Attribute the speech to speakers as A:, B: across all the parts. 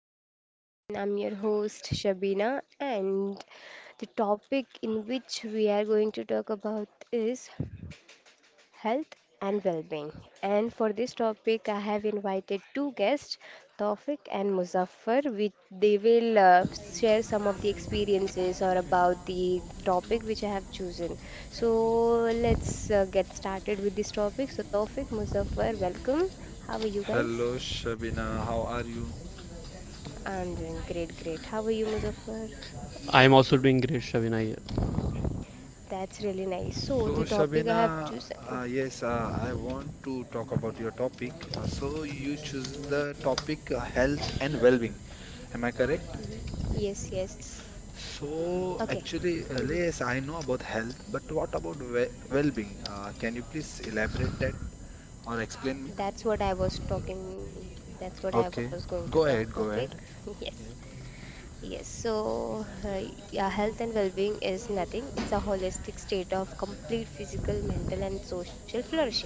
A: podcast again. I'm your host, Shabina, and the topic in which we are going to talk about is health and well being. And for this topic, I have invited two guests, Taufik and Muzaffar. They will share some of the experiences or about the topic which I have chosen. So, let's get started with this topic. So, Taufik, Muzaffar, welcome. How are you guys?
B: Hello, Shabina. How are you?
A: I'm doing great, great. How are you, Muzaffar?
C: I am also doing great, Shabina.
A: That's really nice. So, the
B: So,
A: topic I have
B: Shabina,
A: chosen.
B: yes, I want to talk about your topic. So, you choose the topic health and well-being. Am I correct?
A: Mhm. Yes, yes.
B: So,
A: Okay.
B: actually,
A: Mhm.
B: yes, I know about health, but what about we well-being? Can you please elaborate that or explain me?
A: That's what I was talking. That's what I was
B: Okay,
A: going to talk
B: go ahead, go
A: topic.
B: ahead.
A: Yes.
B: Yes.
A: Yes, so uh, yeah, health and well-being is nothing. It's a holistic state of complete physical, mental, and social flourishing.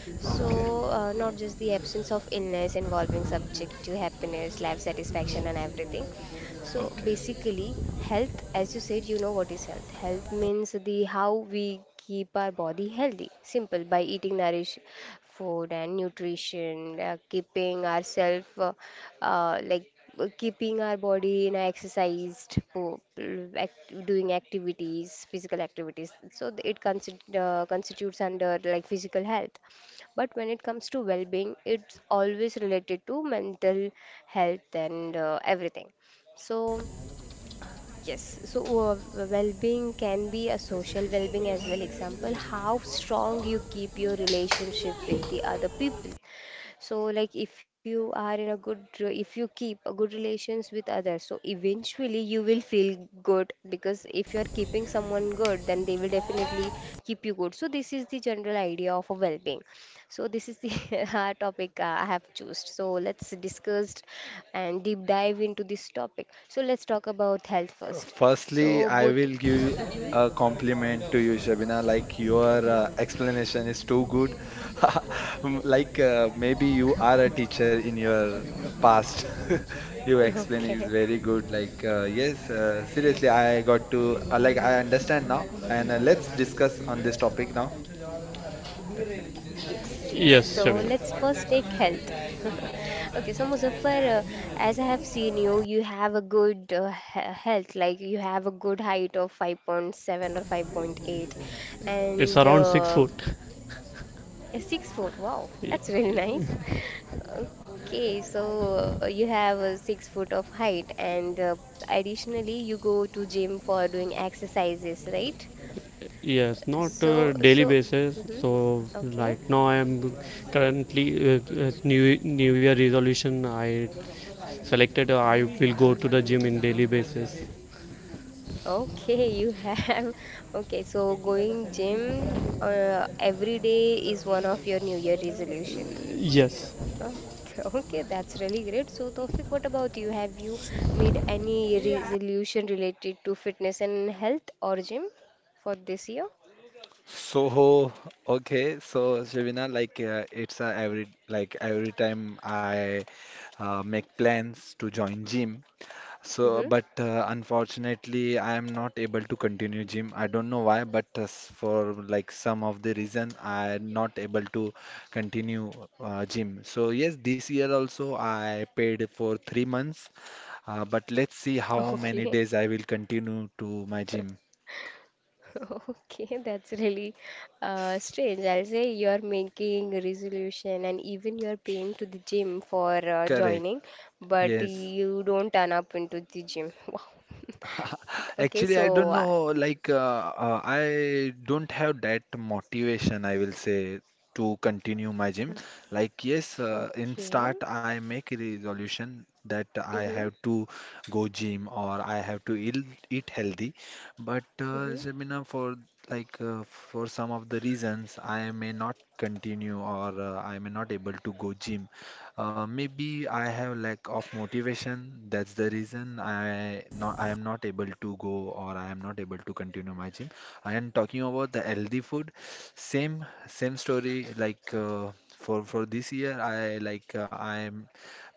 A: So,
B: Okay,
A: not just the absence of illness involving subject to happiness, life satisfaction, and everything. So
B: okay.
A: basically, health, as you said, you know what is health. Health means the how we keep our body healthy. Simple by eating nourish food and nutrition, keeping ourselves uh, like keeping our body in a doing activities, physical activities. So it constitutes under like physical health. But when it comes to well-being, it's always related to mental health and everything. So, yes, so, well-being can be a social well-being as well. Example, how strong you keep your relationship with the other people. So, like, if you are in a good, if you keep a good relations with others, so eventually you will feel good because if you are keeping someone good, then they will definitely keep you good. So, this is the general idea of a well-being. So, this is the topic I have chosen. So, let's discuss and deep dive into this topic. So, let's talk about health first.
B: Firstly,
A: So,
B: I
A: both.
B: will give you
A: Hmm
B: a compliment to you, Shabina. Like your explanation is too good. Like maybe you are a teacher in your past. You explain is
A: Okay.
B: very good. Like yes, seriously, I got to like I understand now. And let's discuss on this topic now.
A: Yes, yes. So
C: Yes,
A: let's
C: Shabina.
A: first take health. Okay, so Muzaffar, as I have seen you, you have a good health, like you have a good height of 5.7 or 5.8
C: It's
A: and
C: around six
A: uh,
C: foot.
A: 6 foot. Wow, that's really nice. Okay, so you have a 6 foot of height, and additionally, you go to gym for doing exercises, right?
C: Yes, not
A: So,
C: daily
A: so,
C: basis.
A: hmm
C: So right
A: okay.
C: now I am currently New Year resolution. I selected I will go to the gym in daily basis.
A: Okay, you have. Okay, so going gym every day is one of your New Year resolution.
C: Yes,
A: Okay, okay, that's really great. So, Tawfiq, what about you? Have you made any resolution related to fitness and health or gym for this year?
B: So okay, so, Shabina, like it's every time I make plans to join gym. So,
A: Mm-hmm.
B: but unfortunately, I am not able to continue gym. I don't know why, but for like some of the reason, I am not able to continue gym. So yes, this year also I paid for 3 months, but let's see how
A: Okay.
B: many days I will continue to my gym.
A: Okay, that's really strange. I'll say you're making a resolution and even you're paying to the gym for
B: Correct.
A: joining, but
B: Yes.
A: you don't turn up into the gym. Wow. Okay,
B: Actually, I
A: so
B: don't
A: uh,
B: know. Like, I don't have that motivation, I will say, to continue my gym. Like, yes, in
A: okay.
B: start, I make a resolution that I
A: Mm-hmm.
B: have to go gym or I have to eat healthy. But,
A: Mm-hmm.
B: Sabina, for some of the reasons, I may not continue or I may not able to go gym. Maybe I have lack of motivation. That's the reason I am not able to go or I am not able to continue my gym. And talking about the healthy food, same story. Like for this year, I am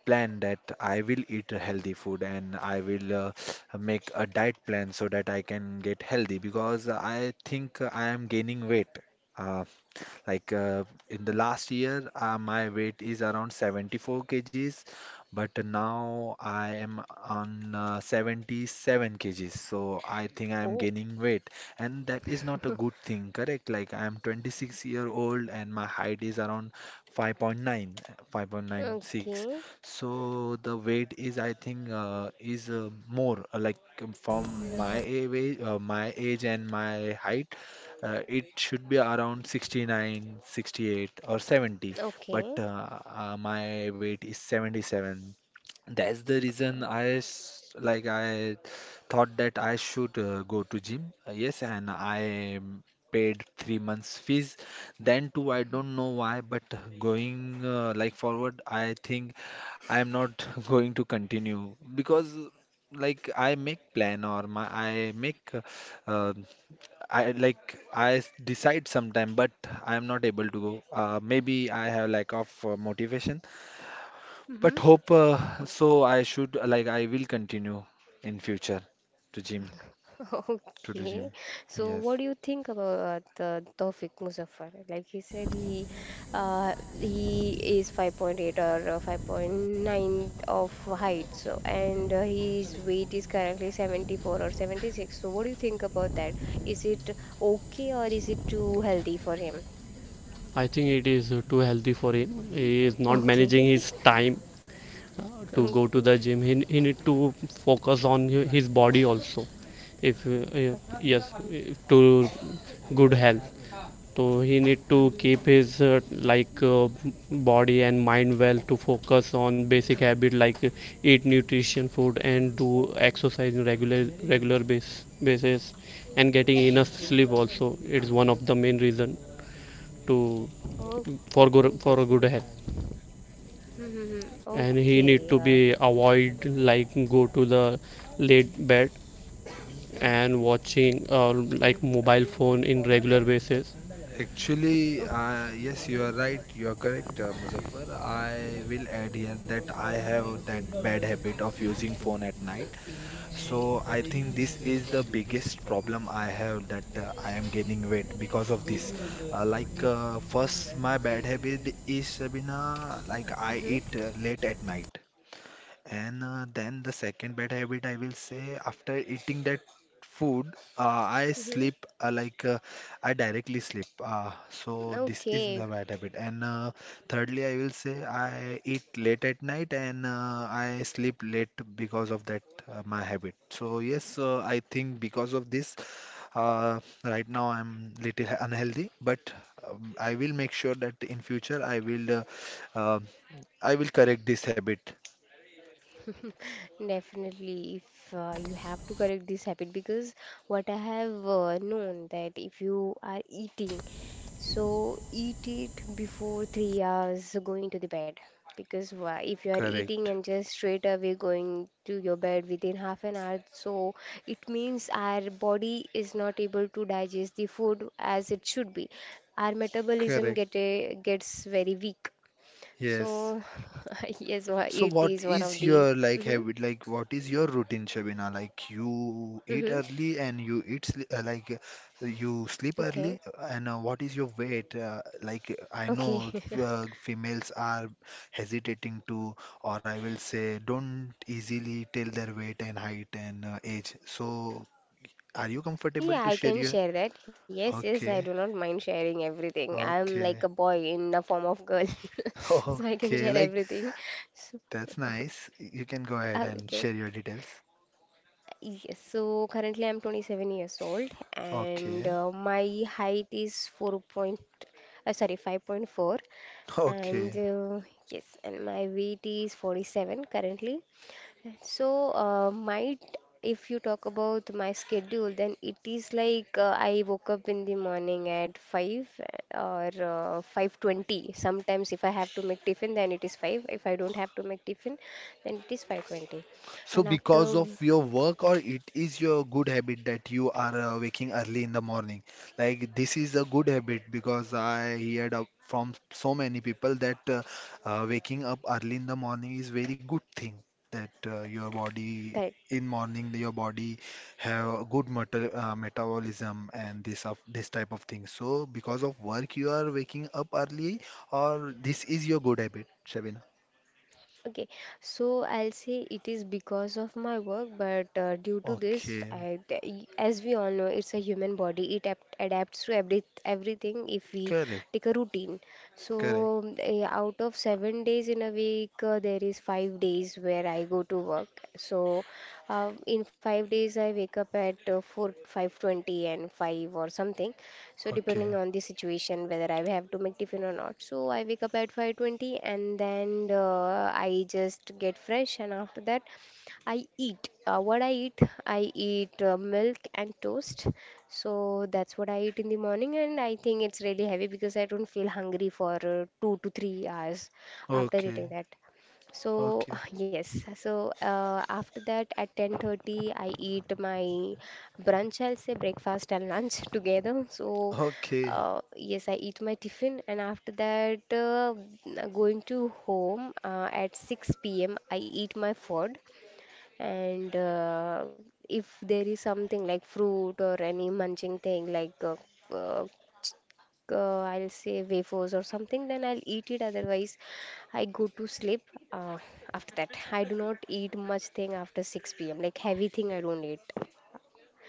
B: plan that I will eat healthy food and I will make a diet plan so that I can get healthy because I think I am gaining weight. Uh, like in the last year, my weight is around 74 kgs, but now I am on 77 kgs. So I think I am
A: Oh.
B: gaining weight, and that is not a good thing, correct? Like I am 26-year-old and my height is around 5.9, 5.96.
A: Okay.
B: So the weight is, I think, is more like from my age and my height, it should be around 69 68 or 70, but
A: Okay.
B: my weight is 77. That's the
A: Uh,
B: reason like I thought that I should go to gym. Yes, and I paid 3 months fees. Then too, I don't know why, but going like forward, I think I am not going to continue because like I make plan or my I make uh, decide sometime, but I am not able to go. Maybe I have lack of motivation,
A: Mm-hmm.
B: but hope so. I should like I will continue in future to gym to do
A: Okay.
B: gym.
A: So, what do you
B: Yes,
A: think about Tawfiq Muzaffar? Like he said, uh, he is 5.8 or 5.9 of height. So, and his weight is currently 74 or 76. So, what do you think about that? Is it okay or is it too healthy for him?
C: I think it is too healthy for him. He is not managing
A: Okay.
C: his time to go to
A: Okay.
C: the gym. He need to focus on his body also. If
A: Okay.
C: yes, to good health. So he need to
A: Mm-hmm.
C: keep his body and mind well to focus on basic habit like eat nutrition food and do exercise in basis, and getting enough sleep also, it's one of the main reason to for
A: Okay.
C: good for a good health,
A: Mm-hmm.
C: and he
A: Okay.
C: need to be avoid like go to the late bed and watching mobile phone in regular basis.
B: actually,
A: Okay.
B: you are right. You are correct, Muzaffar. I will add here that I have that bad habit of using phone at night. So I think this is the biggest problem I have that I am gaining weight because of this. First, my bad habit is Sabina, like I
A: Mm-hmm.
B: eat late at night. And then the second bad habit, I will say, after eating that food, uh, I
A: Mm-hmm.
B: sleep uh, like uh, I directly sleep. So this is the
A: Okay,
B: bad habit. And thirdly, I will say I eat late at night and I sleep late because of that my habit. So yes, I think because of this, right now I'm little unhealthy, but I will make sure that in future uh, I will correct this habit.
A: definitely. If you have to correct this habit, because what I have known that if you are eating, so eat it before 3 hours going to the bed. Because why? If you are eating
B: Correct.
A: and just straight away going to your bed within half an hour, so it means our body is not able to digest the food as it should be. Our metabolism
B: Correct.
A: gets very weak. So,
B: Yes.
A: yes,
B: So
A: it
B: what
A: is one of
B: is
A: the.
B: your like
A: Mm-hmm.
B: habit? Like what is your routine, Shabina? Like you eat
A: Mm-hmm.
B: early and you eat like you sleep
A: Okay.
B: early, and what is your weight? I
A: Okay.
B: know females are hesitating to, or I will say don't easily tell their weight and height and age. So are you comfortable
A: Yeah,
B: to
A: I
B: share
A: can
B: your?
A: share that. Yes, yes, I do
B: Okay.
A: not mind sharing everything. I'm like
B: Okay.
A: a boy in the form of girl, so I can
B: Okay.
A: share
B: Like
A: everything. So,
B: that's nice. You can go ahead and
A: okay.
B: share your details.
A: Yes, so currently I'm 27 years old and
B: Okay,
A: my height is 5.4 and
B: okay.
A: yes, and my weight is 47 currently. So, might if you talk about my schedule, then it is like I woke up in the morning at 5 or 5:20. Sometimes if I have to make tiffin, then it is 5. If I don't have to make tiffin, then it is 5:20.
B: So
A: And
B: because of
A: after,
B: your work or it is your good habit that you are waking early in the morning. Like this is a good habit because I heard up from so many people that waking up early in the morning is very good thing, that
A: correct.
B: your body have a good metabolism and this of this type of thing. So because of work you are waking up early, or this is your good habit, Shabina.
A: Okay, so I'll say it is because of my work, but due to this,
B: Okay.
A: as we all know, it's a human body. It ap adapts to everything if we
B: Correct,
A: take a routine. So
B: correct.
A: out of 7 days in a week, there is 5 days where I go to work. So in 5 days, I wake up at 4, 5:20 and 5 or something. So
B: Okay,
A: depending on the situation, whether I have to make tiffin or not. So I wake up at 5:20 and then I just get fresh. And after that, I eat. What I eat, I eat milk and toast. So that's what I eat in the morning, and I think it's really heavy because I don't feel hungry for 2 to 3 hours after
B: okay,
A: eating that. So
B: okay,
A: yes, so after that at 10:30 I eat my brunch, I'll say breakfast and lunch together. So
B: okay,
A: yes, I eat my tiffin and after that going to home at 6 p.m. I eat my food and if there is something like fruit or any munching thing like uh, I'll say wafers or something, then I'll eat it. Otherwise, I go to sleep uh, after that. I do not eat much thing after 6 p.m. Like heavy thing, I don't eat.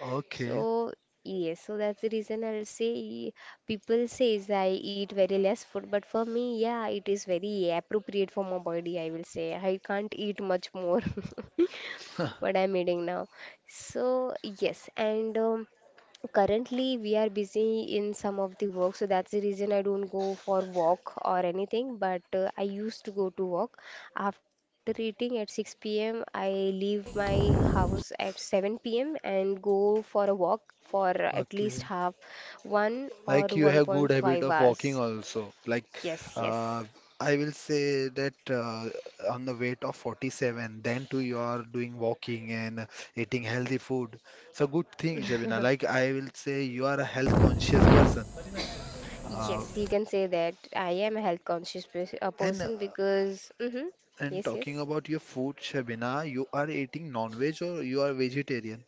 B: okay,
A: So yes, so that's the reason I'll say people says I eat very less food, but for me, yeah, it is very appropriate for my body. I will say I can't eat much more. What I'm eating now. So, yes, and currently we are busy in some of the work, so that's the reason I don't go for walk or anything. But I used to go to walk after eating at 6 p.m. I leave my house at 7 p.m. and go for a walk for at least
B: okay.
A: half one or
B: Like you have good
A: 1.5
B: habit of
A: hours.
B: walking also. Like
A: Yes, yes.
B: uh, I will say that on the weight of 47, then too you are doing walking and eating healthy food. So good thing, Shabina. Like I will say you are a health conscious person. Uh,
A: Yes, you can say that. I am a health conscious
B: and uh,
A: person because. Hmm
B: and
A: Yes,
B: talking
A: yes.
B: about your food, Shabina, you are eating non-veg or you are vegetarian?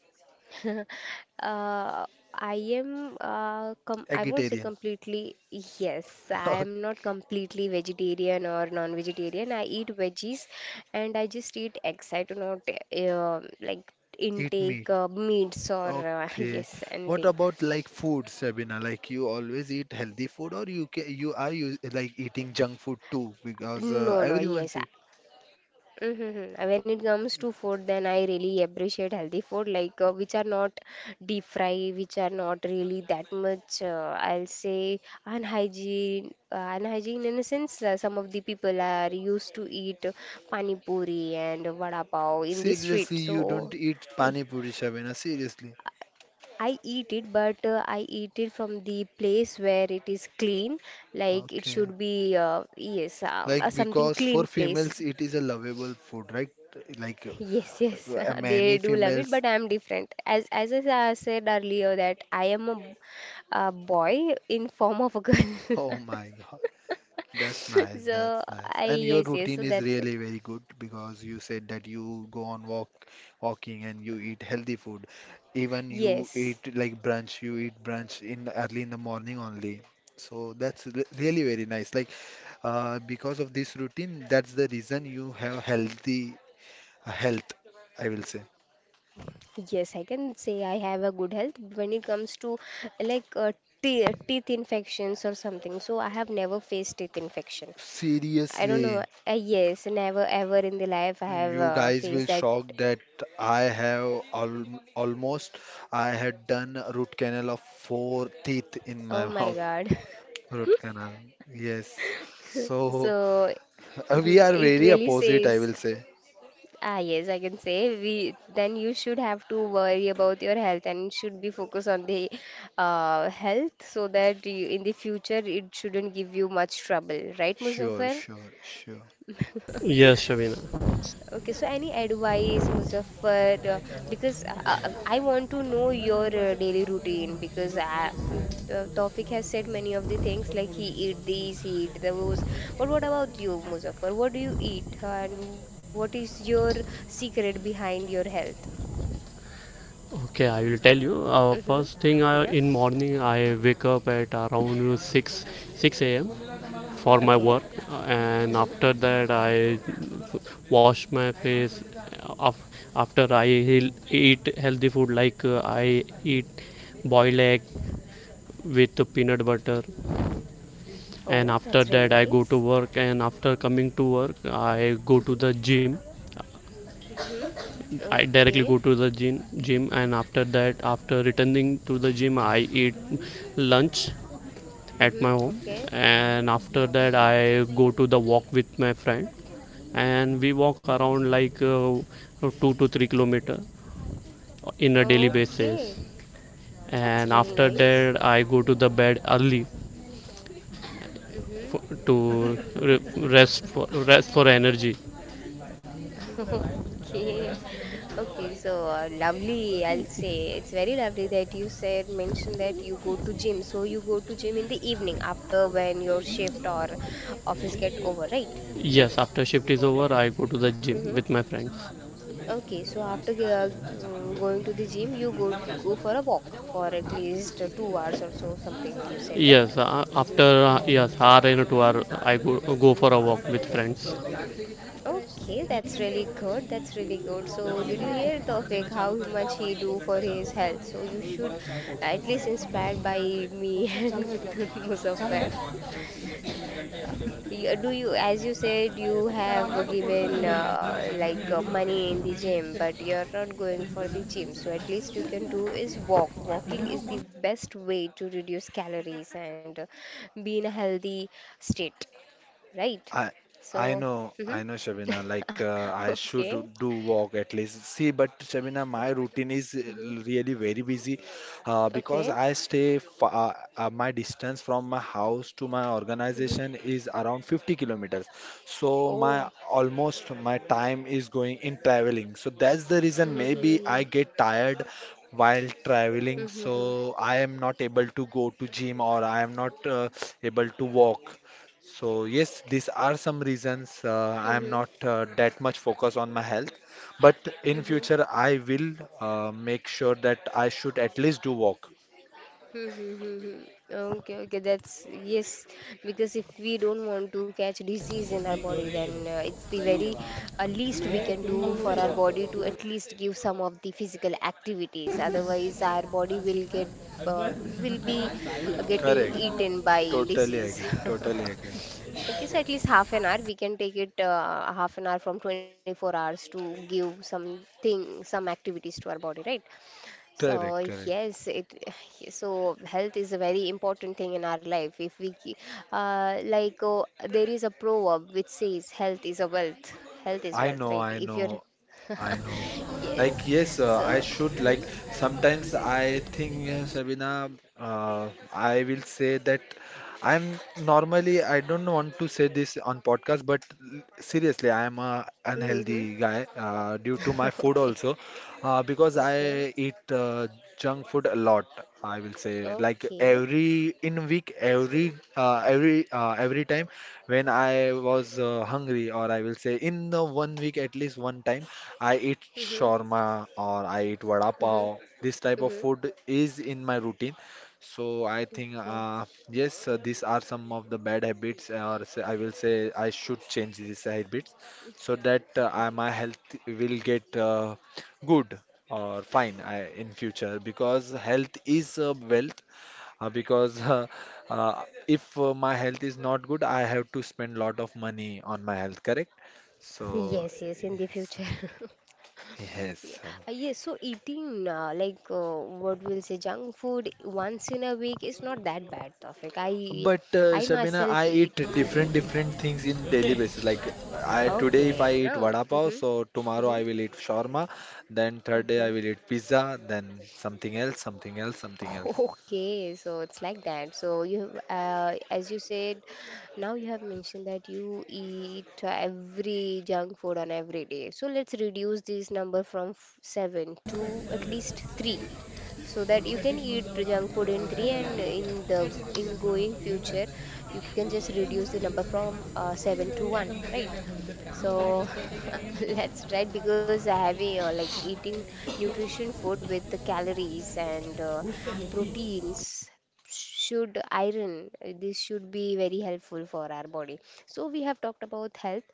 A: Uh, I won't say
B: Vegetarian.
A: completely yes. I am not completely vegetarian or non-vegetarian. I eat veggies and I just eat eggs. I do not uh, like
B: Eat
A: intake
B: meat.
A: meats or
B: Okay.
A: yes
B: What
A: anything.
B: about like food, Sabina? Like you always eat healthy food, or you ca you are you like eating junk food too because
A: No, no,
B: everyone's
A: yes.
B: eat.
A: Mm-hmm. When it comes to food, then I really appreciate healthy food, like which are not deep fry, which are not really that much. I'll say unhygiene in a sense. Some of the people are used to eat pani puri and vada pav in the street,
B: Seriously, you don't
A: so.
B: eat
A: Eh,
B: pani puri, Sabina. Seriously.
A: I eat it, but I eat it from the place where it is clean. Like it
B: Okay.
A: should be, yes,
B: Like
A: something
B: because for
A: clean place.
B: females it is a lovable food, right? Like
A: Yes, yes,
B: many
A: they do love it,
B: females.
A: but I'm different. As said earlier that I am a, b- a boy in form of a girl.
B: Oh my. That's nice.
A: So
B: That's nice.
A: I
B: And your
A: yes, yes,
B: routine
A: so
B: is
A: that's it.
B: really very good because you said that you go on walking and you eat healthy food. Even you
A: Yes,
B: eat brunch in early in the morning only. So that's really very nice. Like because of this routine, that's the reason you have healthy health, I will say.
A: yes, I can say I have a good health when it comes to like te teeth infections or something. So I have never faced teeth infection. I don't know.
B: Seriously.
A: Yes, never ever in the life I have
B: You guys
A: faced
B: will
A: that.
B: shock that I have al almost I had done a root canal of four teeth in
A: Oh
B: my
A: my
B: mouth.
A: God.
B: Root canal. Yes. So
A: So
B: we
A: mhm,
B: are
A: it
B: very
A: really
B: opposite, I
A: says,
B: will say.
A: ah, yes, I can say we then you should have to worry about your health and should be focused on the health so that you, in the future it shouldn't give you much trouble, right,
B: Sure,
A: Muzaffar?
B: sure, sure.
C: Yes, Shabina.
A: Okay, so any advice, Muzaffar? Because I want to know your daily routine because the Tawfiq has said many of the things like he eat these, he eat those. But what about you, Muzaffar? What do you eat, and what is your secret behind your health?
C: Okay, I will tell you.
A: Mm-hmm.
C: First thing
A: Yeah.
C: I, in morning, I wake up at around 6 a.m. for my
A: Okay.
C: work, and
A: Mm-hmm.
C: after that I wash my face. Af- After I eat healthy food, like I eat boiled egg with peanut butter, and
A: Oh,
C: after
A: that's really
C: that I go to
A: nice.
C: work. And after coming to work, I go to the gym.
A: Mm-hmm.
C: I directly
A: Okay.
C: go to the gym and after that, after returning to the gym, I eat lunch at my
A: Mm-hmm.
C: home,
A: Okay.
C: and after that, I go to the walk with my friend, and we walk around like 2 to 3 kilometer in a daily basis,
A: Okay. That's
C: and
A: really
C: after
A: nice.
C: that, I go to
A: Mm-hmm.
C: the bed early
A: Mm-hmm.
C: for, to rest for energy.
A: Okay, okay, so lovely. I'll say it's very lovely that you said mentioned that you go to gym. So you go to gym in the evening after when your shift or office get over, right?
C: Yes, after shift is over, I go to the gym
A: Mm-hmm.
C: with my friends.
A: Okay, so after going to the gym, you go for a walk for at least 2 hours or so, something you said, right?
C: Yes, after yes, hour and 2 hour, I go for a walk with friends.
A: Okay, that's really good. That's really good. So, did you hear Tawfiq how much he do for his health? So, you should at least inspired by me and Muzaffar. Do you, as you said, you have given like money in the gym, but you're not going for the gym. So at least you can do is walk. Walking is the best way to reduce calories and be in a healthy state, right?
B: I
A: So,
B: I
A: mhm.
B: know, Shabina. Like I should
A: Okay.
B: do walk at least. See, but Shabina, my routine is
A: Mm-hmm.
B: really very busy because
A: Okay.
B: I stay fa my distance from my house to my
A: Mm-hmm.
B: organization is around 50 kilometers. So my
A: Oh.
B: almost my time is going in traveling. So that's the reason maybe I
A: Mm-hmm.
B: get tired while traveling. So
A: Mm-hmm.
B: I am not able to go to gym or I am not able to walk. So yes, these are some reasons I am
A: Mm-hmm.
B: not that much focused on my health, but in
A: Mm-hmm.
B: future I will make sure that I should at least do walk.
A: Hmm, hmm, hmm, hmm. Okay, okay, that's yes, because if we don't want to catch disease in our body, then it's the very least we can do for our body to at least give some of the physical activities. Otherwise, our body will get will be getting
B: Correct.
A: eaten by
B: Totally
A: disease.
B: agree. Totally agree.
A: Okay, so at least half an hour we can take it half an hour from 24 hours to give something some activities to our body, right? So
B: Correct. Correct.
A: yes, it so health is a very important thing in our life. If we ke- like There is a proverb which says health is a wealth. Health is
B: I
A: wealth,
B: know,
A: right?
B: I
A: If you're
B: know, I know. Like,
A: yes,
B: yes,
A: so
B: I should. Like,
A: mm-hmm.
B: sometimes I think, Shabina, I will say that I'm normally, I don't want to say this on podcast, but seriously, I am a
A: Mm-hmm.
B: unhealthy guy due to my food
A: Okay,
B: also, because I
A: okay,
B: eat junk food a lot. I will say, like
A: okay.
B: every in week, every time when I was hungry, or I will say in the one week at least one time, I eat
A: Mm-hmm.
B: shawarma or I eat vada
A: Mm-hmm.
B: pav. This type of
A: Mm-hmm.
B: food is in my routine. So I think
A: Okay.
B: yes, these are some of the bad habits, or say, I will say I should change these habits so that my health will get good or fine, in future, because health is wealth, because uh, if my health is not good, I have to spend lot of money on my health, correct? So,
A: Yes, yes, in the
B: yes,
A: future. Yeah,
B: yes. uh,
A: yes, so eating like what we'll say junk food once in a week is not that bad, Tawfiq. I
B: But uh,
A: I
B: Shabina,
A: myself
B: I eat
A: eat. Hmm.
B: different things in daily basis. Like I today if I
A: Okay,
B: eat
A: no.
B: vada pav,
A: Hmm.
B: so tomorrow
A: Hmm.
B: I will eat shawarma, then third day I
A: Okay.
B: will eat pizza, then something else, something else, something else.
A: Okay, so it's like that. So you, as you said, now you have mentioned that you eat every junk food on every day. So let's reduce this number from seven to at least three, so that you can eat junk food in three, and in going future you can just reduce the number from seven to one, right? So that's right, because having like eating nutrition food with the calories and proteins, should iron, this should be very helpful for our body. So we have talked about health,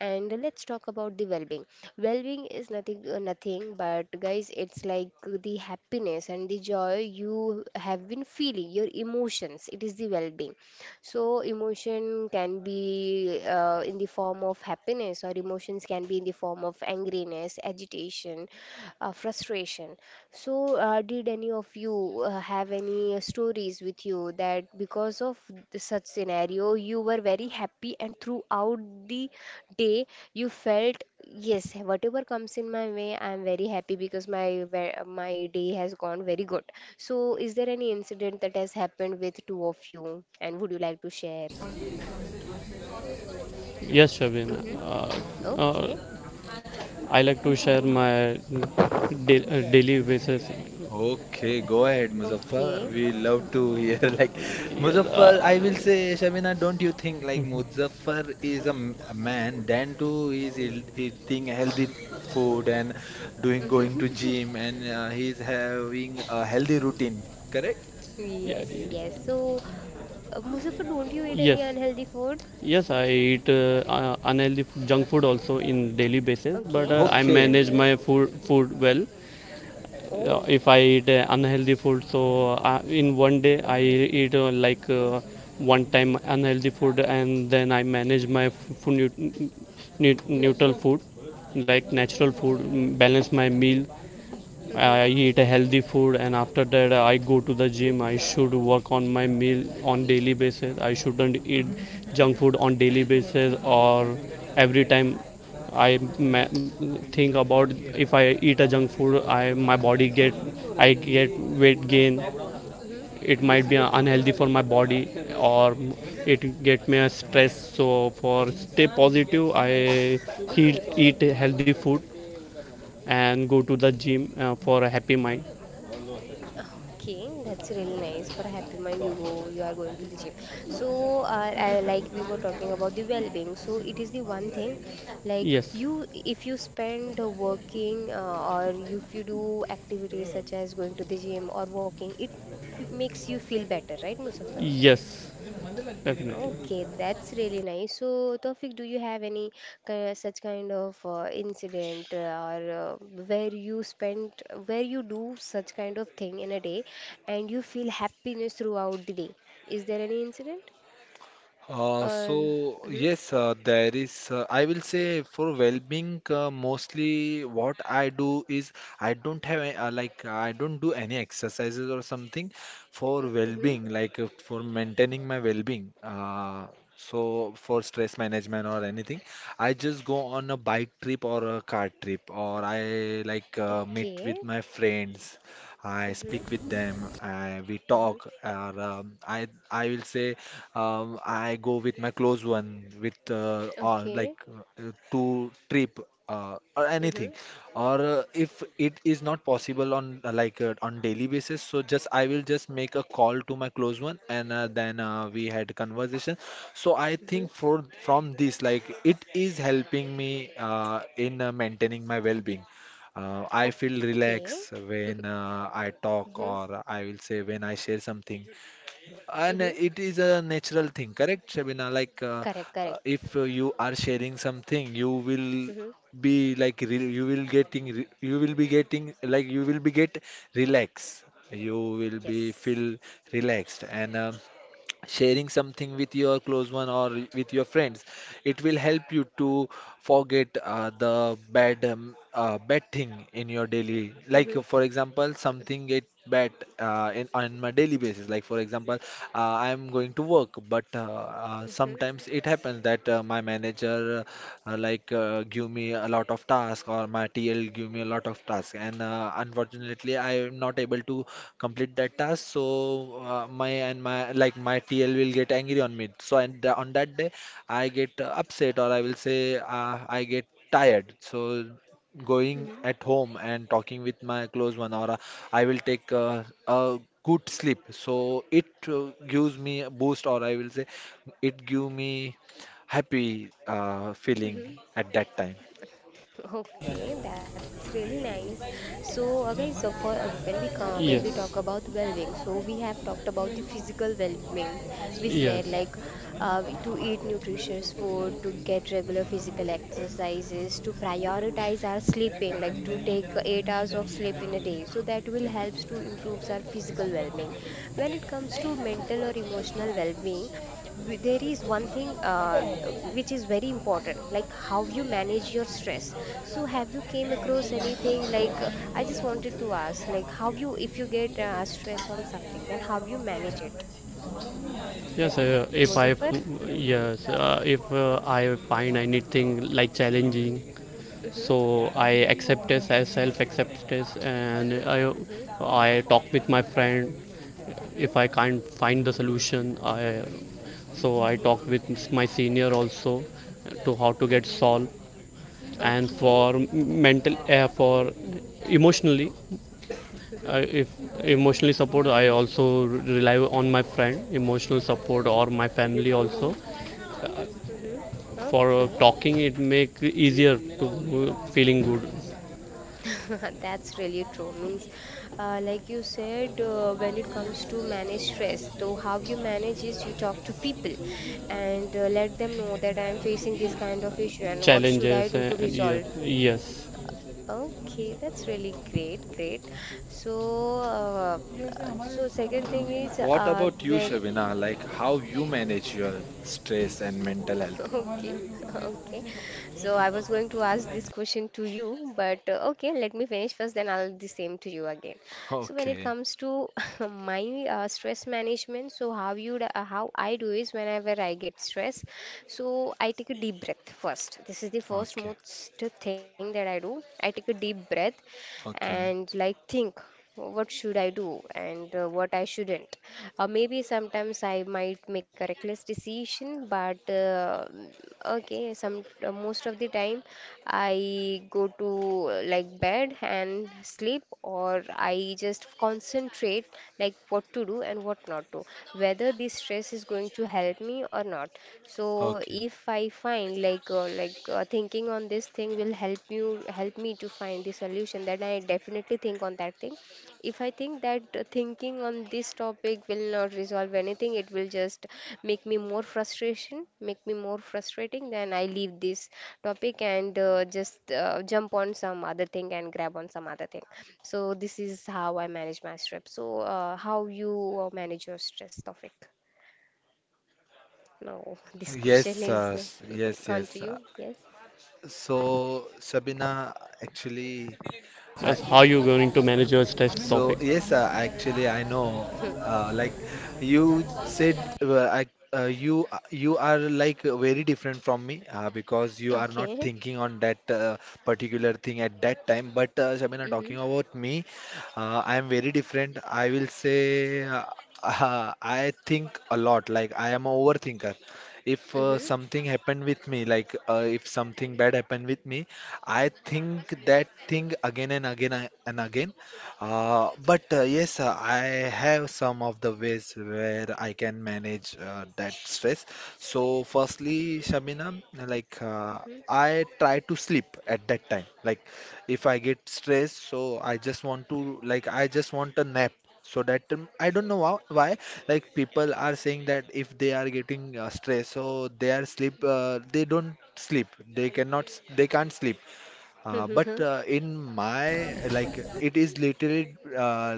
A: and let's talk about the well-being. Well-being is nothing but, guys, it's like the happiness and the joy you have been feeling. Your emotions, it is the well-being. So emotion can be in the form of happiness, or emotions can be in the form of angriness, agitation, frustration. So, did any of you have any stories with you that because of the such scenario, you were very happy, and throughout the day, you felt, yes, whatever comes in my way, I'm very happy because my day has gone very good. So, is there any incident that has happened with two of you, and would you like to share?
C: Yes, Shabin.
A: Mm-hmm.
C: Uh,
A: Okay.
C: I like to share my daily basis.
B: Okay, go ahead,
A: Okay.
B: Muzaffar. We love to hear like
C: Yes,
B: Muzaffar. I will
C: uh,
B: say, Shabina, don't you think like Muzaffar is a man? Then too, he is eating healthy food and doing going to gym, and he's having a healthy routine. Correct?
A: Yes,
C: ye-
A: yes. So, Muzaffar, don't you eat any
C: yes,
A: unhealthy food?
C: yes. I eat unhealthy junk food also in daily basis, but
A: Okay.
C: I
B: Okay.
C: manage my
A: Okay.
C: food well. Uh,
A: Oh.
C: if I eat unhealthy food, so in one day I eat one time unhealthy food, and then I manage my neutral food, like natural food,
A: Mm-hmm.
C: balance my meal, I
A: Mm-hmm.
C: eat a healthy food, and after that I go to the gym. I should work on my meal on daily basis. I shouldn't eat
A: Mm-hmm.
C: junk food on daily basis or every time. I think about, if I eat a junk food, I get weight gain.
A: Mm-hmm.
C: It might be unhealthy for my body, or it get me a stress. So for stay positive, I eat healthy food and go to the gym for a happy mind.
A: Okay, that's really nice. For a happy mind, you are going to the gym. So, like we were talking about the well-being, so it is the one thing, like
C: Yes,
A: you, if you spend working or if you do activities such as going to the gym or walking, it f makes you feel better, right, Muzaffar?
C: yes, definitely.
A: Okay, that's really nice. So, Tawfiq, do you have any such kind of incident or where you spent, where you do such kind of thing in a day and you feel happiness throughout the day? Is there any incident?
B: So
A: Or, mm-hmm,
B: yes, there is. I will say for well-being, mostly what I do is I don't have like I don't do any exercises or something for
A: mm-hmm,
B: well-being, like for maintaining my well-being. So for stress management or anything, I just go on a bike trip or a car trip, or I like meet
A: okay,
B: with my friends. I
A: mm-hmm,
B: speak with them. I, we
A: mm-hmm,
B: talk, or I will say. I go with my close one, with or like
A: okay,
B: uh, to trip or
A: mm-hmm,
B: anything. Or if it is not possible on like on daily basis, so just I will just make a call to my close one, and then we had conversation. So I
A: mm-hmm,
B: think for from this, like it is helping me in maintaining my well-being. I feel
A: okay,
B: relaxed when I
A: mm-hmm,
B: talk, or I will say when I share something. And
A: mm-hmm,
B: it is a natural thing, correct, Shabina? Like,
A: correct, correct,
B: if you are sharing something, you will
A: mm-hmm,
B: be like re you will getting re you will be getting like you will be get relaxed. You will be
A: yes,
B: feel relaxed, and sharing something with your close one or with your friends, it will help you to forget the bad thing in your daily,
A: mm-hmm,
B: like for example, something get bad in on my daily basis, like for example I am going to work, but sometimes it happens that my manager like give me a lot of task, or my TL give me a lot of task, and unfortunately I am not able to complete that task, so my and my like my TL will get angry on me. So on that day I get upset, or I will say I get tired. So
A: mm-hmm,
B: going at home and talking with my close one, or I will take a good sleep, so it gives me a boost, or I will say it gave me happy feeling
A: mm-hmm.
B: at that time.
A: Okay, that's really nice. So, guys, for when we ca when we talk
C: Yes,
A: about well-being, so we have talked about the physical well-being. We said,
C: yes,
A: like to eat nutritious food, to get regular physical exercises, to prioritize our sleeping, like to take 8 hours of sleep in a day. So that will help to improve our physical well-being. When it comes to mental or emotional well-being, there is one thing which is very important, like how you manage your stress. So have you came across anything like I just wanted to ask, like how you if you get stress on something, then how you manage it?
C: yes.
A: Like
C: If I,
A: Muzaffar? Mm-hmm.
C: yes, if I find anything like challenging,
A: Mm-hmm.
C: so I accept this as self acceptance, and
A: Mm-hmm.
C: I talk with my friend. If
A: Mm-hmm.
C: I can't find the solution, so I talk with my senior also to how to get
A: Mm-hmm.
C: solved, and
A: Okay.
C: for mental, for emotionally, I
A: Mm-hmm.
C: if emotionally support, I also rely on my friend, emotional support, or my family also.
A: Mm-hmm.
C: For
A: Okay.
C: talking, it make easier to feeling good.
A: That's really true. Means, like you said, when it comes to manage stress, so how you manage is you talk to people and let them know that I'm facing this kind of issue and what should I
C: Challenges,
A: do to
C: yeah,
A: resolve.
C: yes.
A: Okay, that's really great, great. So, uh, so second thing is
B: What about you,
A: where.
B: Shabina? Like how you manage your stress and mental health?
A: Okay, okay. So I was going to ask this question to you, but okay, let me finish first, then I'll the same to you again. So when it
B: Okay,
A: comes to my stress management, so how I do is whenever I get stress, so I take a deep breath first. This is the first
B: okay,
A: most thing that I do. I take a deep breath
B: okay,
A: and like think what should I do and what I shouldn't. Maybe sometimes I might make a reckless decision, but okay, some most of the time I go to like bed and sleep, or I just concentrate like what to do and what not to, whether this stress is going to help me or not. So
B: okay.
A: if I find like thinking on this thing will help me to find the solution, then I definitely think on that thing. If I think that thinking on this topic will not resolve anything, it will just make me more frustrating, then I leave this topic and just jump on some other thing and grab on some other thing. So this is how I manage my stress. So how you manage your stress, topic? Now this question
B: Yes,
A: is
B: yes,
A: gone to
B: yes.
A: you. Yes.
B: So, Shabina, actually, I
C: Just how you going to manage your stress
B: So
C: topic?
B: yes, actually I know. Like you said, you you are like very different from me, because you are not
A: Okay.
B: thinking on that particular thing at that time. But Shabina,
A: Mhm.
B: talking about me, I am very different. I will say I think a lot. Like I am a overthinker. If
A: Mhm.
B: something happened with me, like if something bad happened with me, I think that thing again and again but yes, I have some of the ways where I can manage that stress. So firstly, Shabina, like
A: Mhm.
B: I try to sleep at that time. Like, if I get stressed, so I just want to, like, I just want a nap. So that I don't know why, like people are saying that if they are getting stressed, so they they don't sleep, they cannot, they can't sleep. Uh, but
A: Mhm.
B: uh, in my, like, it is literally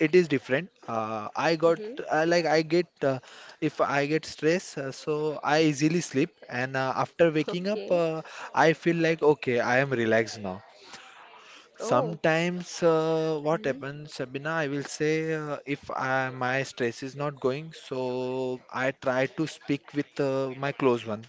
B: it is different. I got
A: Mhm.
B: like I get if I get stress, so I easily sleep, and after waking up,
A: Okay.
B: I feel like okay, I am relaxed now.
A: Oh.
B: Sometimes what
A: Mm-hmm.
B: happens, Sabina, I will say, if I, my stress is not going, so I try to speak with my close one,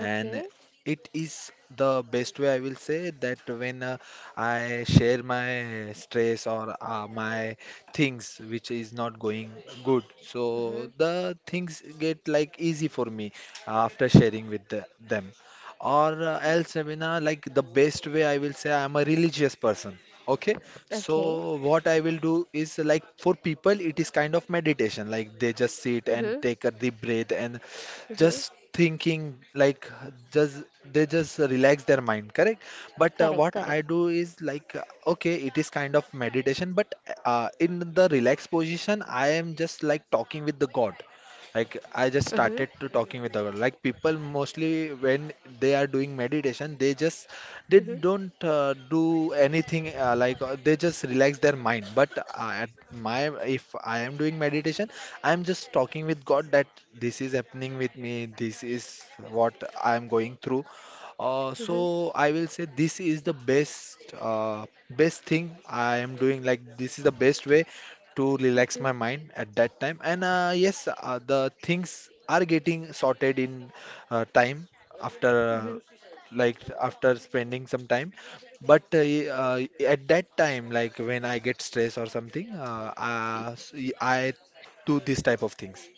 B: and it is the best way, I will say, that when I share my stress, or my things which is not going good,
A: Mm-hmm.
B: so the things get like easy for me after sharing with them. Or else, Sabina, like the best way I will say, I am a religious person. Okay,
A: Okay.
B: so what I will do is, like, for people, it is kind of meditation. Like they just sit and
A: Mm-hmm.
B: take a deep breath and
A: Mm-hmm.
B: just thinking, like, just they just relax their mind, correct? But
A: Correct,
B: what
A: correct.
B: I do is, like, okay, it is kind of meditation, but in the relaxed position, I am just like talking with the god. Like I just
A: Mm-hmm.
B: started to talking with the god. Like people mostly, when they are doing meditation, they just, they
A: Mm-hmm.
B: don't do anything, they just relax their mind. But at my, if I am doing meditation, I am just talking with god that this is happening with me, this is what I am going through. So
A: Mm-hmm.
B: I will say this is the best best thing I am doing. Like this is the best way to relax
A: Mm-hmm.
B: my mind at that time. And yes, the things are getting sorted in time, after
A: Mm-hmm.
B: like after spending some time. But at that time, like when I get stressed or something, I do this type of things.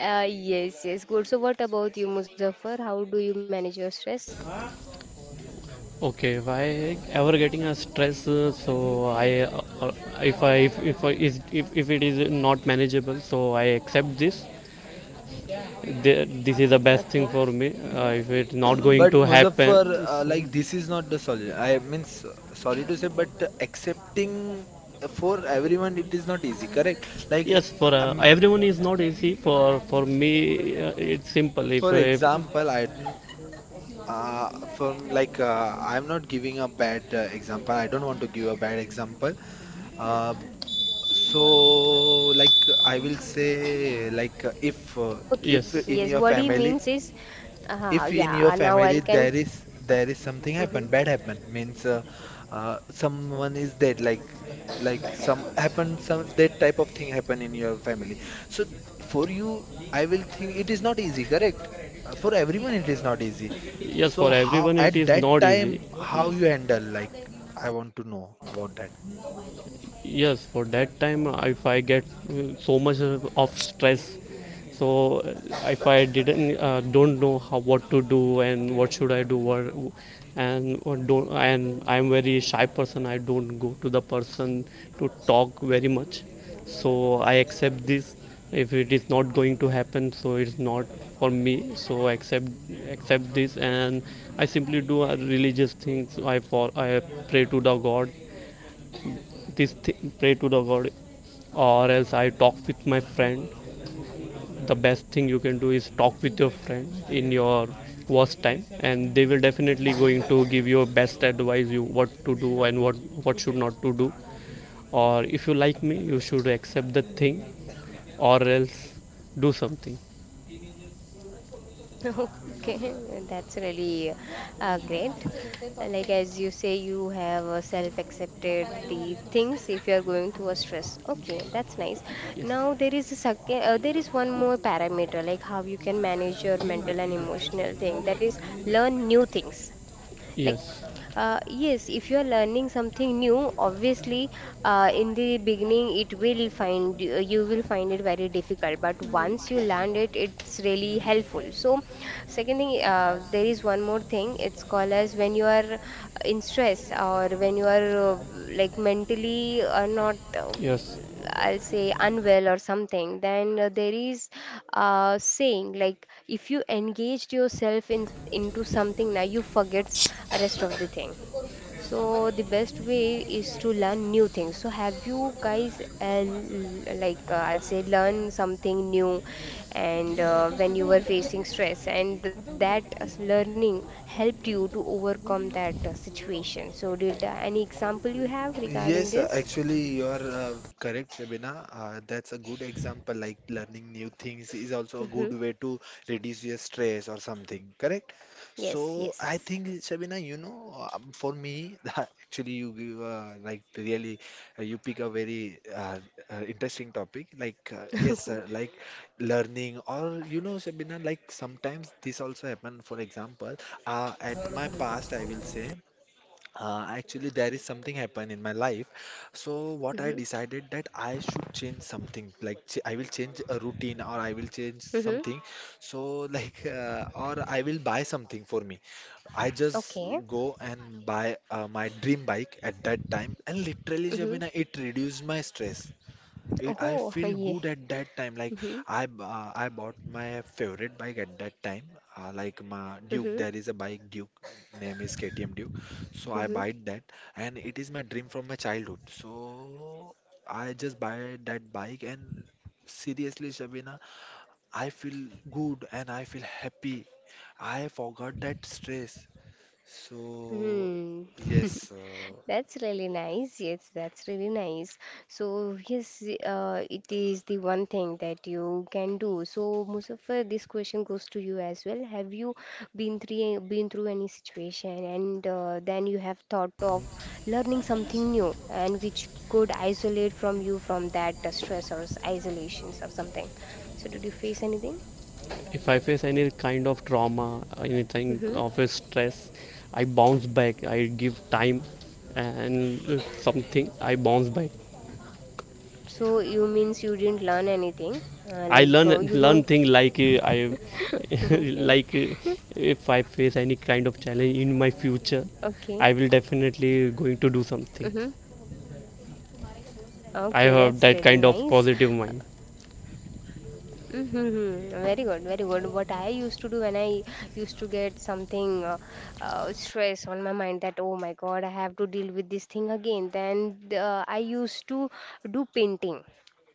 A: Yes, yes, good. So what about you, Muzaffar? How do you manage your stress?
C: Okay, why ever getting a stress? So I, if I if I, is if it is not manageable, so I accept this. This is the best thing
A: Okay.
C: for me. If it's not going
B: But
C: to
A: Mm-hmm.
C: happen,
B: Muzaffar, like, this is not the solution, I means, sorry to say, but accepting, for everyone it is not easy, correct? Like
C: yes, for
B: um,
C: everyone is not easy. For me, it's simple.
B: for
C: If
B: example, I don't uh, from like I'm not giving a bad example, I don't want to give a bad example. Uh, So, like I will say, like
A: Okay.
B: if
C: yes,
B: in
A: Yes,
B: your
A: what he
B: family,
A: means is,
B: if in your
A: yeah, now
B: family
A: I
B: there is
A: can.
B: there is something happen, bad happen, means someone is dead, like, like some that type of thing happen in your family. So for you, I will think it is not easy, correct? For everyone, it is not easy.
C: yes,
B: So
C: for
B: how
C: everyone it
B: at
C: is
B: that
C: not easy.
B: time, how you handle? Like I want to know about that.
C: Yes, for that time, if I get so much of stress, so if I didn't don't know how, what to do and what should I and or don't and I'm very shy person. I don't go to the person to talk very much, so I accept this. If it is not going to happen, so it's not for me, so I accept this and I simply do a religious things. I for I pray to the god, this thing, pray to the god, or else I talk with my friend. The best thing you can do is talk with your friend in your worst time, and they will definitely going to give you best advice, you what to do and what should not to do. Or if you like me, you should accept the thing, or else do something.
A: Okay, that's really great. Like as you say, you have self-accepted the things if you are going through a stress. Okay, that's nice.
C: Yes,
A: Now there is a second, there is one more parameter, like how you can manage your mental and emotional thing. That is, learn new things, like
C: yes,
A: yes, if you are learning something new, obviously in the beginning it will find you will find it very difficult, but once you learn it, it's really helpful. So second thing there is one more thing, it's called as when you are in stress or when you are like mentally not
C: yes.
A: I'll say unwell or something, then there is saying, like if you engaged yourself in into something, now you forgets rest of the thing. So the best way is to learn new things. So have you guys like I'll say learn something new, and when you were facing stress, and that learning helped you to overcome that situation. So did any example you have regarding
B: Yes,
A: this?
B: actually, you are correct, Shabina. That's a good example. Like learning new things is also a
A: Mm-hmm.
B: good way to reduce your stress or something, correct?
A: Yes,
B: So I
A: yes.
B: think, Shabina, you know, for me, actually, you give like really, you pick a very interesting topic. Like yes, like learning, or you know, Shabina, like sometimes this also happen. For example, at my past, I will say. Actually, there is something happened in my life. So what I
A: Mm-hmm.
B: decided, that I should change something. Like ch I will change a routine, or I will change
A: Mm-hmm.
B: something. So like or I will buy something for me. I just
A: Okay.
B: go and buy my dream bike at that time. And literally,
A: Mm-hmm.
B: Shabina, it reduced my stress. I
A: Oh,
B: feel
A: yeah.
B: good at that time. Like
A: Mm-hmm.
B: I bought my favorite bike at that time. Like
A: Mm-hmm.
B: my Duke, there is a bike Duke, name is KTM Duke. So I buy that, and it is my dream from my childhood. So I just buy that bike, and seriously, Shabina, I feel good and I feel happy. I forgot that stress. So
A: Mm-hmm. Hmm.
B: yes.
A: That's really nice. Yes, that's really nice. So, yes, it is the one thing that you can do. So, Muzaffar, this question goes to you as well. Have you been through any situation, and then you have thought of learning something new and which could isolate from you from that stress or isolations or something? So, did you face anything?
C: If I face any kind of trauma, anything
A: Mm-hmm.
C: of a stress, I bounce back. I give time and something. I bounce back.
A: So you means you didn't learn anything,
C: I
A: like you
C: learn
A: don't.
C: thing like I
A: Okay,
C: like if I face any kind of challenge in my
A: okay,
C: future, I will definitely going to
A: mm-hmm.
C: do something.
A: Okay, that's
C: I
A: really
C: have that
A: nice.
C: kind of positive mind.
A: Mm-hmm. Very good, very good. What I used to do when I used to get something stress on my mind that oh my God, I have to deal with this thing again, then I used to do painting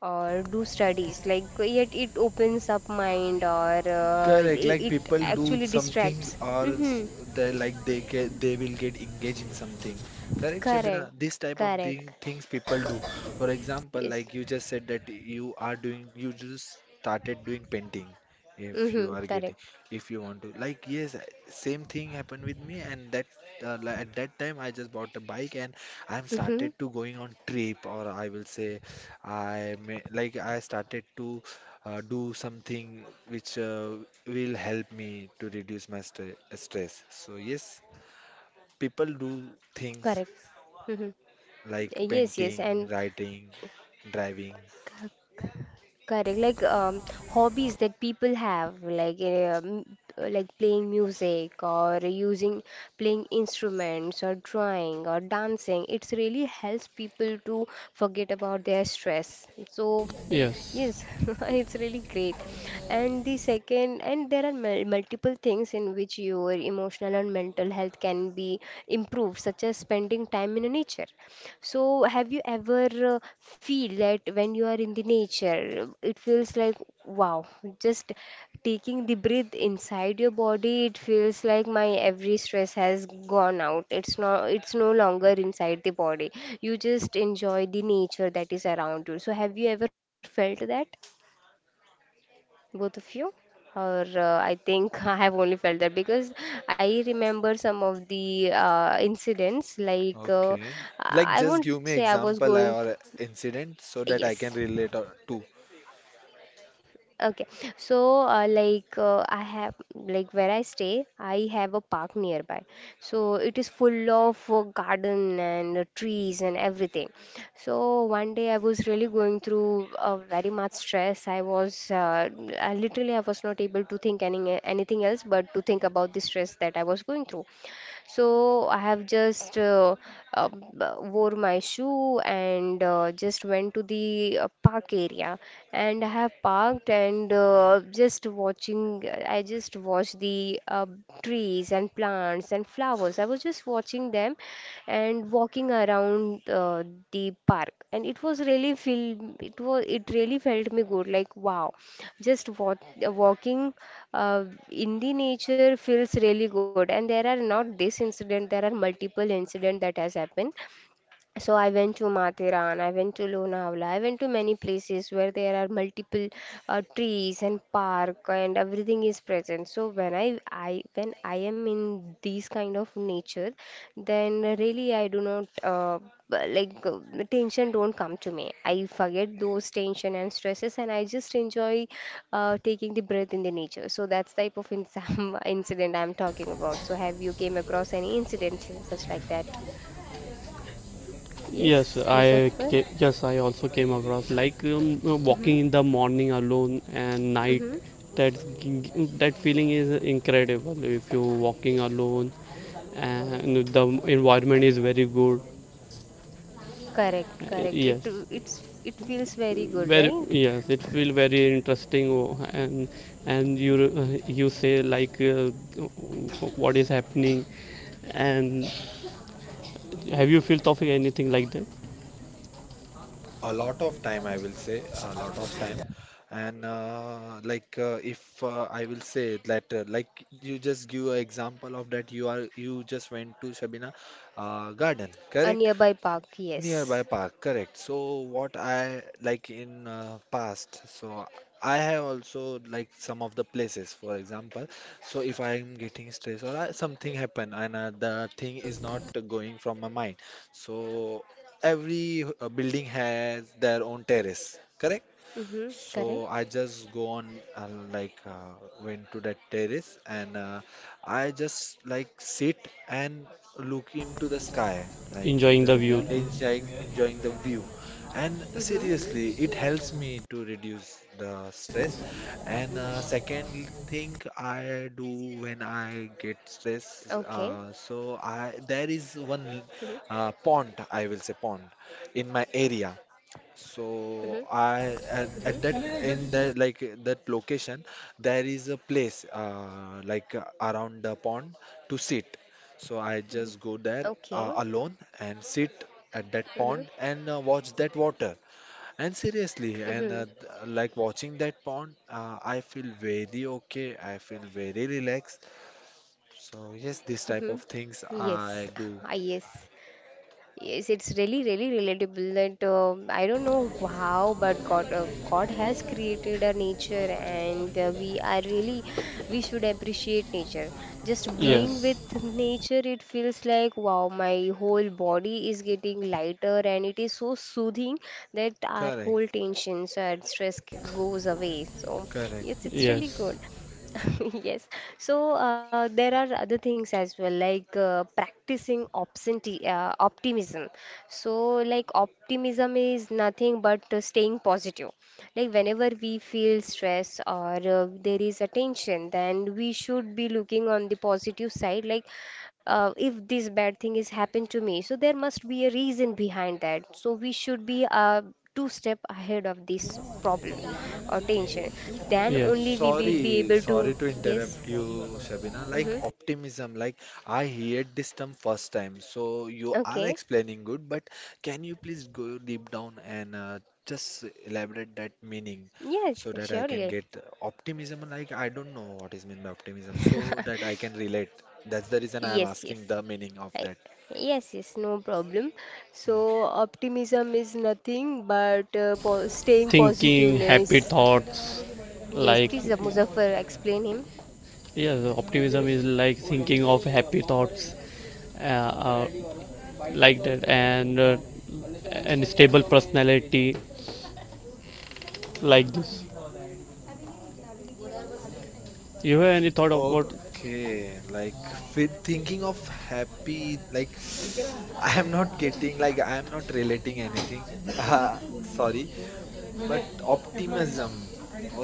A: or do studies. Like yet it opens up mind or uh,
B: Correct,
A: it,
B: like
A: it
B: people do
A: actually
B: something,
A: distracts. Mm-hmm.
B: they like they ca they will get engaged in something. Correct, Shabina?
A: Correct,
B: This type of
A: correct.
B: things people do. For example,
A: Yes.
B: like you just said that you just started doing painting. If you
A: Mm-hmm.
B: are getting,
A: Correct.
B: if you want to like yes, same thing happened with me, and that at that time I just bought a bike, and I'm
A: Mm-hmm.
B: started to going on trip, or I will say I may, like I started to do something which will help me to reduce my stress. So yes, people do
A: Correct.
B: things
A: Mm-hmm.
B: like
A: Yes, yes, and
B: painting, writing, driving.
A: correct, like hobbies that people have, like like playing music or using playing instruments or drawing or dancing. It's really helps people to forget about their stress. So
C: Yes.
A: yes, it's really great. And the second, and there are multiple things in which your emotional and mental health can be improved, such as spending time in nature. So, have you ever feel that when you are in the nature, it feels like wow, just taking the breath inside your body, it feels like my every stress has gone out. It's no longer inside the body. You just enjoy the nature that is around you. So, have you ever felt that, both of you? Or I think I have only felt that because I remember some of the incidents.
B: Okay. Like,
A: I
B: just give
A: won't
B: me
A: say I was
B: example
A: going.
B: or incident so that I
A: Yes.
B: can relate to
A: Okay. So, I have, like, where I stay, I have a park nearby. So, it is full of garden and trees and everything. So, one day I was really going through very much stress. I literally, I was not able to think anything else but to think about the stress that I was going through. So I have just wore my shoe and just went to the park area, and I have parked and just watching I just watched the trees and plants and flowers. I was just watching them and walking around the park, and it was really feel it was it really felt me good. Like, wow, just walk walking uh, in the nature feels really good. And there are not this incident there are multiple incident that has happened. So I went to Mathiran, I went to Lonavala, I went to many places where there are multiple trees and park and everything is present. So when I when I am in these kind of nature, then really I do not the tension don't come to me. I forget those tension and stresses, and I just enjoy taking the breath in the nature. So that's type of incident I'm talking about. So have you came across any incidents such like that?
C: Yes,
A: Yes,
C: I
A: Muzaffar.
C: yes, I also came across like walking
A: Mm-hmm.
C: in the morning alone and night.
A: Mm-hmm.
C: That g- that feeling is incredible. If you walking alone, and the environment is very good.
A: Correct, correct. It
C: Yes,
A: it's it feels very good,
C: very
A: right?
C: yes. It feel very interesting, oh, and you say like what is happening, and have you felt of anything like that?
B: a lot of time, I will say, a lot of time. And like, if I will say that, like, you just give an example of that, you just went to Shabina garden,
A: A
B: correct?
A: nearby park,
B: Nearby
A: yes.
B: park, correct. So what I like, in past, so I have also like some of the places, for example. So if I'm getting stressed, or I, something happen, and the thing is not going from my mind, so every building has their own terrace, correct?
A: Mm-hmm.
B: So
A: Correct.
B: I just go on, went to that terrace, and I just like sit and look into the sky, like
C: Enjoying the
B: the
C: view.
A: Mm-hmm.
B: enjoying the view. And
A: Mm-hmm.
B: seriously, it helps me to reduce the stress. And second thing I do when
A: Okay.
B: I get stress, so I,
A: Mm-hmm.
B: there is one pond, I will say, pond in my area.
A: Mm-hmm.
B: So
A: Mm-hmm.
B: I, at that, in the, like, that location, there is a place, around the pond to sit. So I just go
A: Okay.
B: there alone and sit at
A: Mm-hmm.
B: that pond and watch that water. And
A: Mm-hmm.
B: seriously, like watching that pond, I feel very okay. I feel very relaxed. So yes, this
A: Mm-hmm.
B: type of things
A: Yes.
B: I
A: Ah,
B: do.
A: yes. Yes, it's really, really relatable that I don't know how, but God has created a nature, and we are really, we should appreciate nature. Just being
B: Correct,
C: Yes,
A: with nature, it feels like wow, my whole body is getting lighter, and it is so soothing that our whole
B: correct,
A: tensions and stress goes away. So
B: correct.
A: yes, it's really
C: yes.
A: good. Yes. So there are other things as well, like practicing optimism. So, like, optimism is nothing but staying positive. Like, whenever we feel stress or there is a tension, then we should be looking on the positive side. Like, if this bad thing is happened to me, so there must be a reason behind that. So, we should be two step ahead of this problem or tension, then
C: Yes,
A: only we will be
B: Sorry,
A: able to.
B: sorry to
A: Yes.
B: interrupt you, Shabina. Like
A: Mm-hmm.
B: optimism, like I heard this term first time. So you are
A: Okay.
B: explaining good, but can you please go deep down and just elaborate that meaning
A: Yes.
B: so that I can
A: Surely.
B: get optimism? Like I don't know what is meant by optimism, so that I can relate. That's the reason I am
A: Yes, yes,
B: asking the meaning of
A: I,
B: that.
A: yes, yes, no problem. So optimism is nothing but staying
C: thinking happy
A: positiveness.
C: thoughts.
A: Yes,
C: Like
A: please, Muzaffar, explain him.
C: yes, optimism is like thinking of happy thoughts, uh, uh, like that, and stable personality, like this. You have any thought about?
B: Okay, like thinking of happy, like I am not getting, like I am not relating anything. Uh, sorry, but optimism.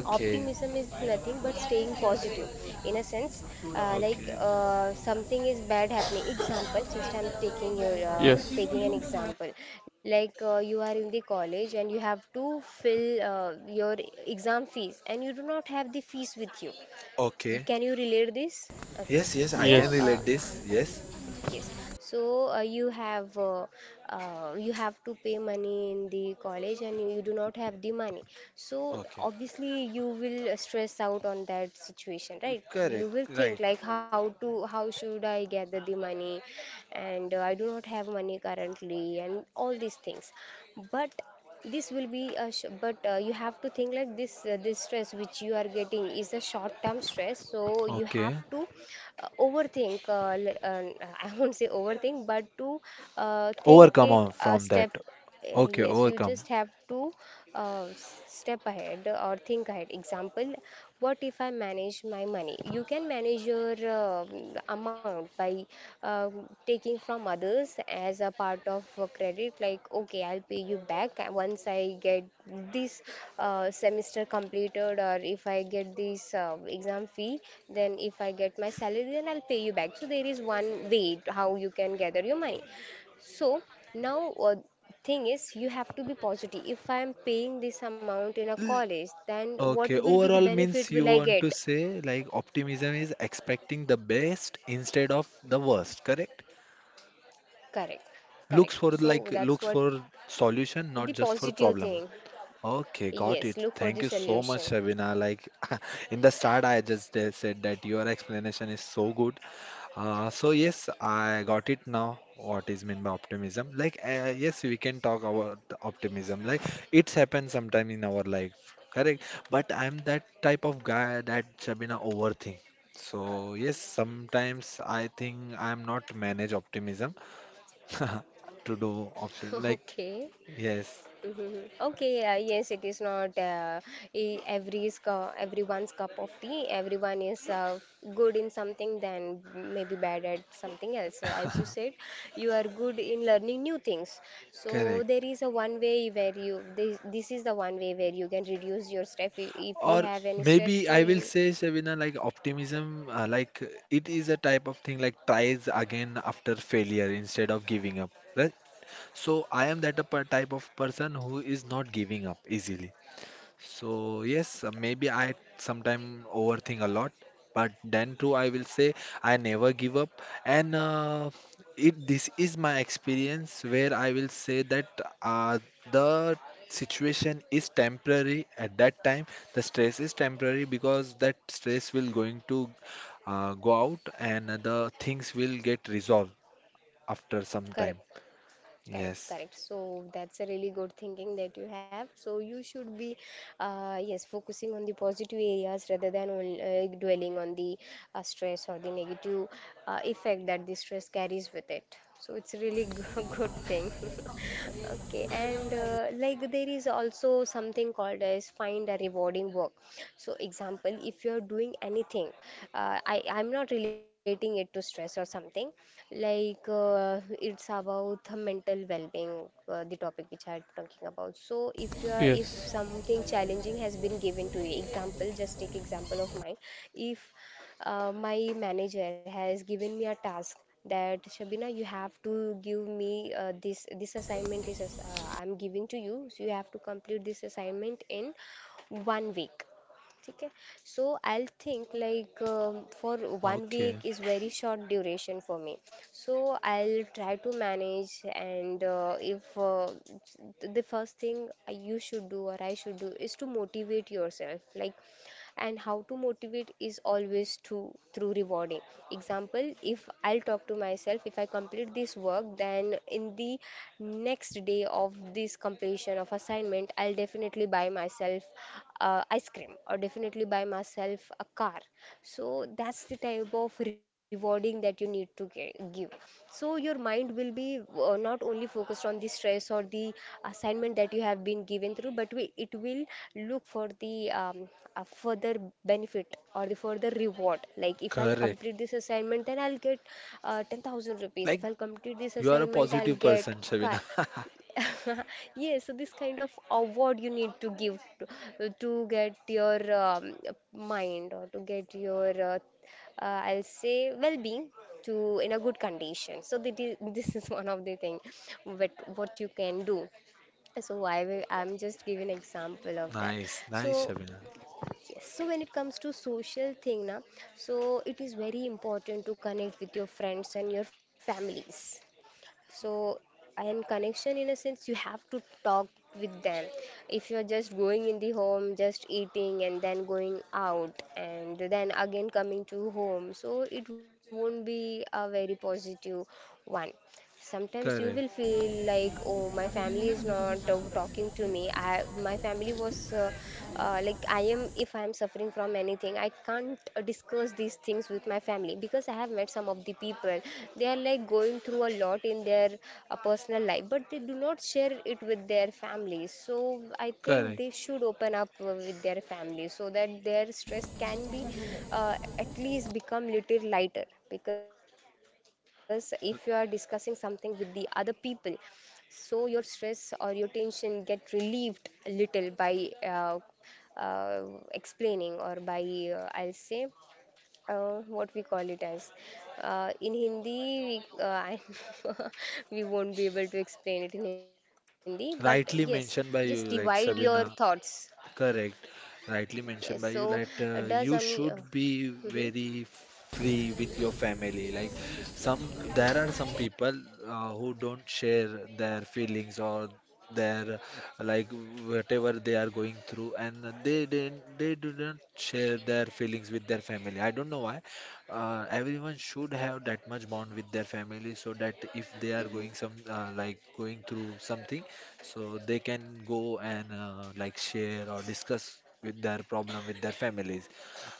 B: Okay,
A: Optimism is nothing but staying positive, in a sense.
B: okay,
A: Something is bad happening. Example, just I'm
C: Yes,
A: taking an example. Like, you are in the college and you have to fill your exam fees and you do not have the fees with you.
B: okay.
A: Can you relate this? Okay.
B: Yes, yes, I can
A: So
B: relate
C: yes,
B: this. Yes,
A: yes. So you have to pay money in the college and you do not have the money. So
B: okay,
A: obviously you will stress out on that situation, right?
B: correct,
A: You will think
B: right.
A: like how should I gather the money, and I do not have money currently and all these things. But this will be a sh- but you have to think like this, this stress which you are getting is a short term stress, so you have
B: Okay,
A: to I won't say overthink, but to think
B: overcome
A: it
B: on
A: a
B: from that.
A: step.
B: Okay,
A: Yes, you
B: overcome.
A: just have to step ahead or think ahead. Example, what if I manage my money? You can manage your amount by uh, taking from others as a part of a credit. Like, okay, I'll pay you back once I get this semester completed, or if I get this exam fee, then if I get my salary, then I'll pay you back. So, there is one way how you can gather your money. So now thing is you have to be positive. If I am paying this amount in a
B: L-
A: college, then
B: Okay,
A: what will be the
B: overall
A: benefit
B: means you
A: will I
B: want to
A: get?
B: say like optimism is expecting the best instead of the worst, correct?
A: Correct, correct.
B: Looks for,
A: So
B: like,
A: that's
B: looks
A: what
B: for solution,
A: the
B: not just for
A: positive
B: problem.
A: thing.
B: Okay, got
A: Yes,
B: it,
A: look for the
B: thank you so much,
A: solution.
B: Shabina. Like in the start I just said that your explanation is so good, so yes I got it now what is meant by optimism, like yes we can talk about the optimism, like it's happened sometime in our life, correct, but I'm that type of guy that, Shabina, overthink. So yes, sometimes I think I'm not manage optimism to do often. Like,
A: Okay.
B: yes,
A: Mhm. Okay, yes, it is not everyone's cup of tea. Everyone is good in something, then maybe bad at something else. So, as you said, you are good in learning new things. So, there
B: correct.
A: is a one way where you this is the one way where you can reduce your stress. If you
B: Or
A: have any stress,
B: maybe
A: so
B: I
A: you.
B: will say, Shavina, like optimism, like it is a type of thing like tries again after failure instead of giving up, right? So I am that type of person who is not giving up easily. So yes, maybe I sometime overthink a lot, but then too I will say I never give up. And it this is my experience where I will say that uh, the situation is temporary at that time. The stress is temporary because that stress will going to go out and the things will get resolved after some
A: Correct.
B: time.
A: Correct,
B: Yes.
A: correct. So that's a really good thinking that you have. So you should be, yes, focusing on the positive areas rather than dwelling on the stress or the negative effect that the stress carries with it. So it's really good thing. Okay, and like there is also something called as find a rewarding work. So example, if you're doing anything, I'm not relating it to stress or something. Like it's about the mental well-being, the topic which I'm talking about. So if you are, if
C: yes,
A: something challenging has been given to you, example, just take example of mine. If my manager has given me a task that Shabina, you have to give me this assignment is I'm giving to you, so you have to complete this assignment in 1 week. ठीक है. So I'll think like for one
B: Okay.
A: week is very short duration for me, so I'll try to manage. And if th- the first thing you should do or I should do is to motivate yourself, like, and how to motivate is always to through rewarding. Example, if I'll talk to myself, if I complete this work, then in the next day of this completion of assignment, I'll definitely buy myself ice cream, or definitely buy myself a car. So that's the type of rewarding that you need to give. So your mind will be not only focused on the stress or the assignment that you have been given through, but it will look for the a further benefit or the further reward. Like if I'll
B: Correct.
A: complete this assignment, then I'll get 10,000 rupees. If
B: Like
A: I'll complete this
B: you are a
A: assignment, I'll
B: positive
A: get
B: person,
A: a car.
B: Shabina.
A: Yes, so this kind of award you need to give to get your mind, or to get your, I'll say, well-being to in a good condition. So that is, this is one of the thing what you can do. So I'm just giving example of that.
B: Nice, nice,
A: So
B: Shabina.
A: yes, so when it comes to social thing, na, so it is very important to connect with your friends and your families. So and connection in a sense, you have to talk with them. If you're just going in the home just eating and then going out and then again coming to home, so it won't be a very positive one. Sometimes you will
B: Correct,
A: feel like, oh, my family is not talking to me, I my family was like, I am, if I am suffering from anything, I can't discuss these things with my family, because I have met some of the people. They are like going through a lot in their personal life, but they do not share it with their families. So I think
B: correct.
A: they should open up with their families so that their stress can be at least become little lighter. Because if you are discussing something with the other people, so your stress or your tension get relieved a little by uh, explaining, or by I'll say what we call it as. In Hindi, we, I we won't be able to explain it in Hindi, but yes,
B: Rightly
A: just
B: mentioned by
A: divide
B: you,
A: your
B: like,
A: thoughts.
B: Shabina. Correct.
A: Yes,
B: Rightly
A: so
B: mentioned by you that
A: does only.
B: you should
A: Mhm,
B: be very free with your family. Like, some,
A: mhm.
B: there are some people who don't share their feelings or their, like, whatever they are going through, and they do not share their feelings with their family. I don't know why. Everyone should have that much bond with their family so that if they are going some like going through something, so they can go and like share or discuss with their problem with their families.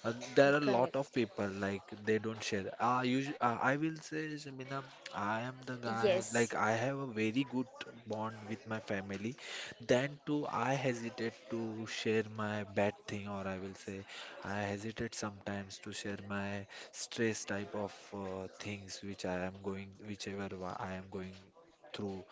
B: Uh, there are a lot
A: Correct.
B: of people like they don't share. I usually, I will say, Shamina,
A: Yes.
B: I am the guy. Like I have a very good bond with my family. Then too, I hesitate to share my bad thing, or I will say, I hesitate sometimes to share my stress type of things which I am going, I am going through,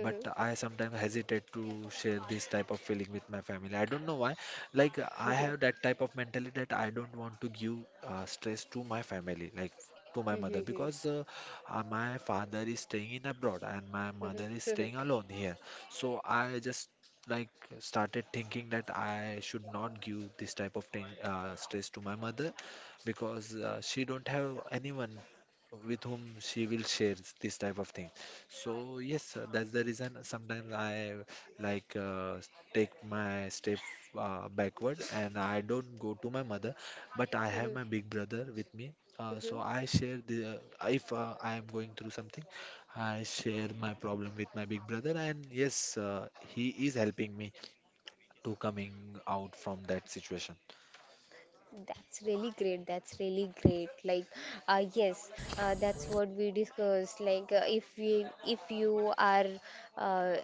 B: but I sometimes hesitate to share this type of feeling with my family. I don't know why, like I have that type of mentality that I don't want to give stress to my family, like to my mother, because my father is staying in abroad and my mother is staying alone here. So I just, like, started thinking that I should not give this type of thing, stress to my mother because she don't have anyone with whom she will share this type of thing. So yes, that's the reason sometimes I, like uh, take my step backward, and I don't go to my mother, but I have my big brother with me. So I share the, uh, if I am going through something, I share my problem with my big brother, and yes, he is helping me to coming out from that situation.
A: That's really great. That's really great. Like, yes, that's what we discussed. Like, if we, if you are uh,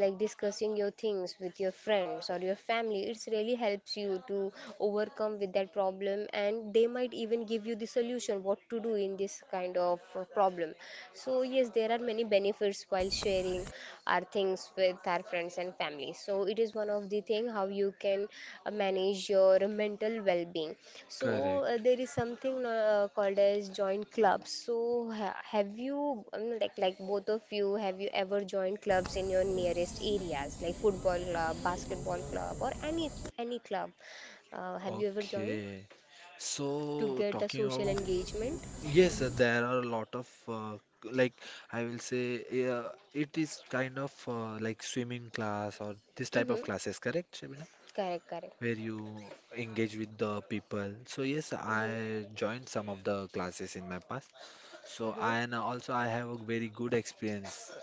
A: like discussing your things with your friends or your family, it's really helps you to overcome with that problem, and they might even give you the solution what to do in this kind of problem. So yes, there are many benefits while sharing our things with our friends and family. So it is one of the thing how you can manage your mental well-being. So
B: Correct.
A: there is something called as joint clubs. So ha have you both of you, have you ever joined clubs in your nearest areas, like football club, basketball club, or any club? Have you ever joined
B: Okay.
A: to
B: So
A: get a
B: talking
A: social
B: about,
A: engagement?
B: yes,
A: Mm-hmm.
B: there are a lot of like I will say, yeah, it is kind of like swimming class or this type of
A: Mm-hmm.
B: classes, correct,
A: Correct, correct.
B: where you engage with the people. So yes, I
A: Mm-hmm.
B: joined some of the classes in my past. So
A: Mm-hmm.
B: and also I have a very good experience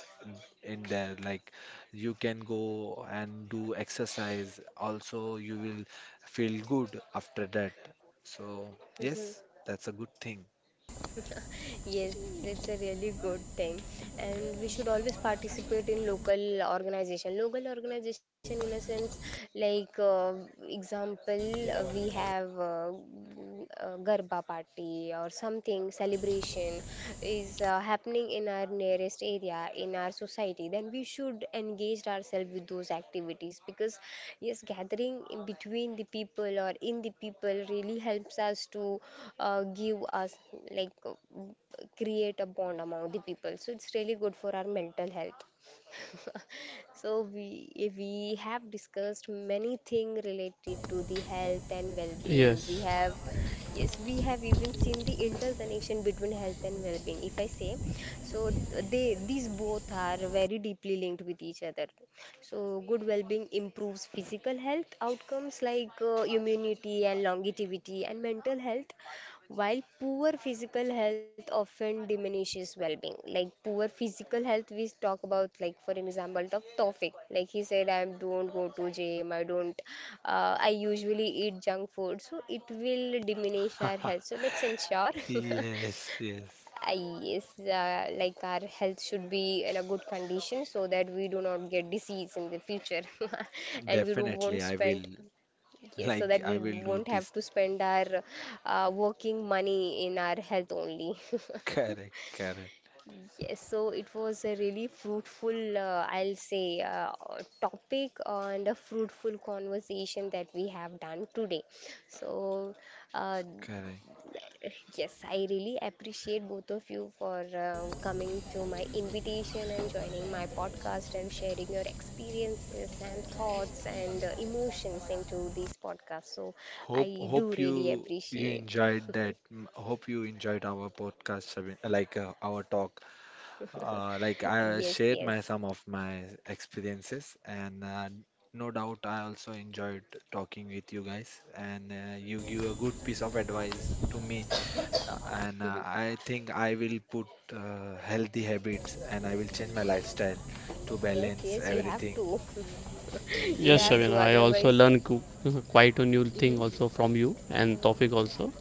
B: in there. Like you can go and do exercise. Also, you will feel good after that. So yes,
A: Mm-hmm.
B: that's a good thing.
A: Yes, it's a really good thing, and we should always participate in local organization. Local organization, in a sense, like example, we have Garba party or something celebration is happening in our nearest area, in our society, then we should engage ourselves with those activities, because yes, gathering in between the people or in the people really helps us to give us like create a bond among the people. So it's really good for our mental health. So we have discussed many things related to the health and well-being. We
C: yes.
A: have, yes, we have even seen the interconnection between health and well-being, if I say. So they these both are very deeply linked with each other. So good well-being improves physical health outcomes like immunity and longevity and mental health, while poor physical health often diminishes well-being. Like poor physical health, we talk about, like for an example of Tofik, like he said, I don't go to gym, I don't, I usually eat junk food, so it will diminish our health. So let's ensure,
B: Yes, yes.
A: yes, like our health should be in a good condition so that we do not get disease in the future, and we don't won't
B: Definitely, I
A: spend.
B: will.
A: Yes, so that
B: Like I
A: we
B: will do
A: won't have
B: this.
A: to spend our working money in our health only.
B: Correct, correct,
A: Yes, so it was a really fruitful, I'll say, topic and a fruitful conversation that we have done today. So, uh,
B: correct.
A: yes, I really appreciate both of you for coming to my invitation and joining my podcast and sharing your experiences and thoughts and emotions into this podcast. So,
B: Hope
A: I do
B: hope
A: really
B: you
A: appreciate.
B: enjoyed that. Mm, hope you enjoyed our podcast, Sabine, like our talk. Like I
A: Yes,
B: shared
A: yes.
B: my some of my experiences, and no doubt I also enjoyed talking with you guys. And you give a good piece of advice to me, and I think I will put healthy habits, and I will change my lifestyle to
A: Yes,
B: balance
A: yes, you have
B: everything.
A: to. You
C: Yes,
A: have to,
C: Shavina,
B: Yes,
C: I also
A: otherwise.
C: learn quite a new thing
A: Hmm.
C: also from you and Tofik also,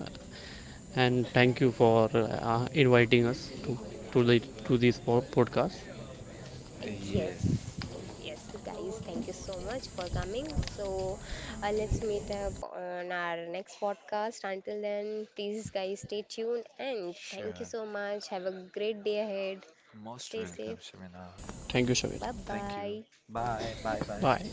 C: and thank you for inviting us to the to this podcast.
A: Yes,
B: yes,
A: yes, yes, guys, thank you so much for coming. So, let's meet up on our next podcast. Until then, please, guys, stay tuned and thank you
B: sure.
A: so much. Have a great day ahead.
B: Most
A: Stay
B: welcome,
A: safe.
B: Shabina.
C: Thank you Shabir.
A: Bye
B: Thank you.
A: bye.
B: Bye. Bye. Bye.
C: Bye.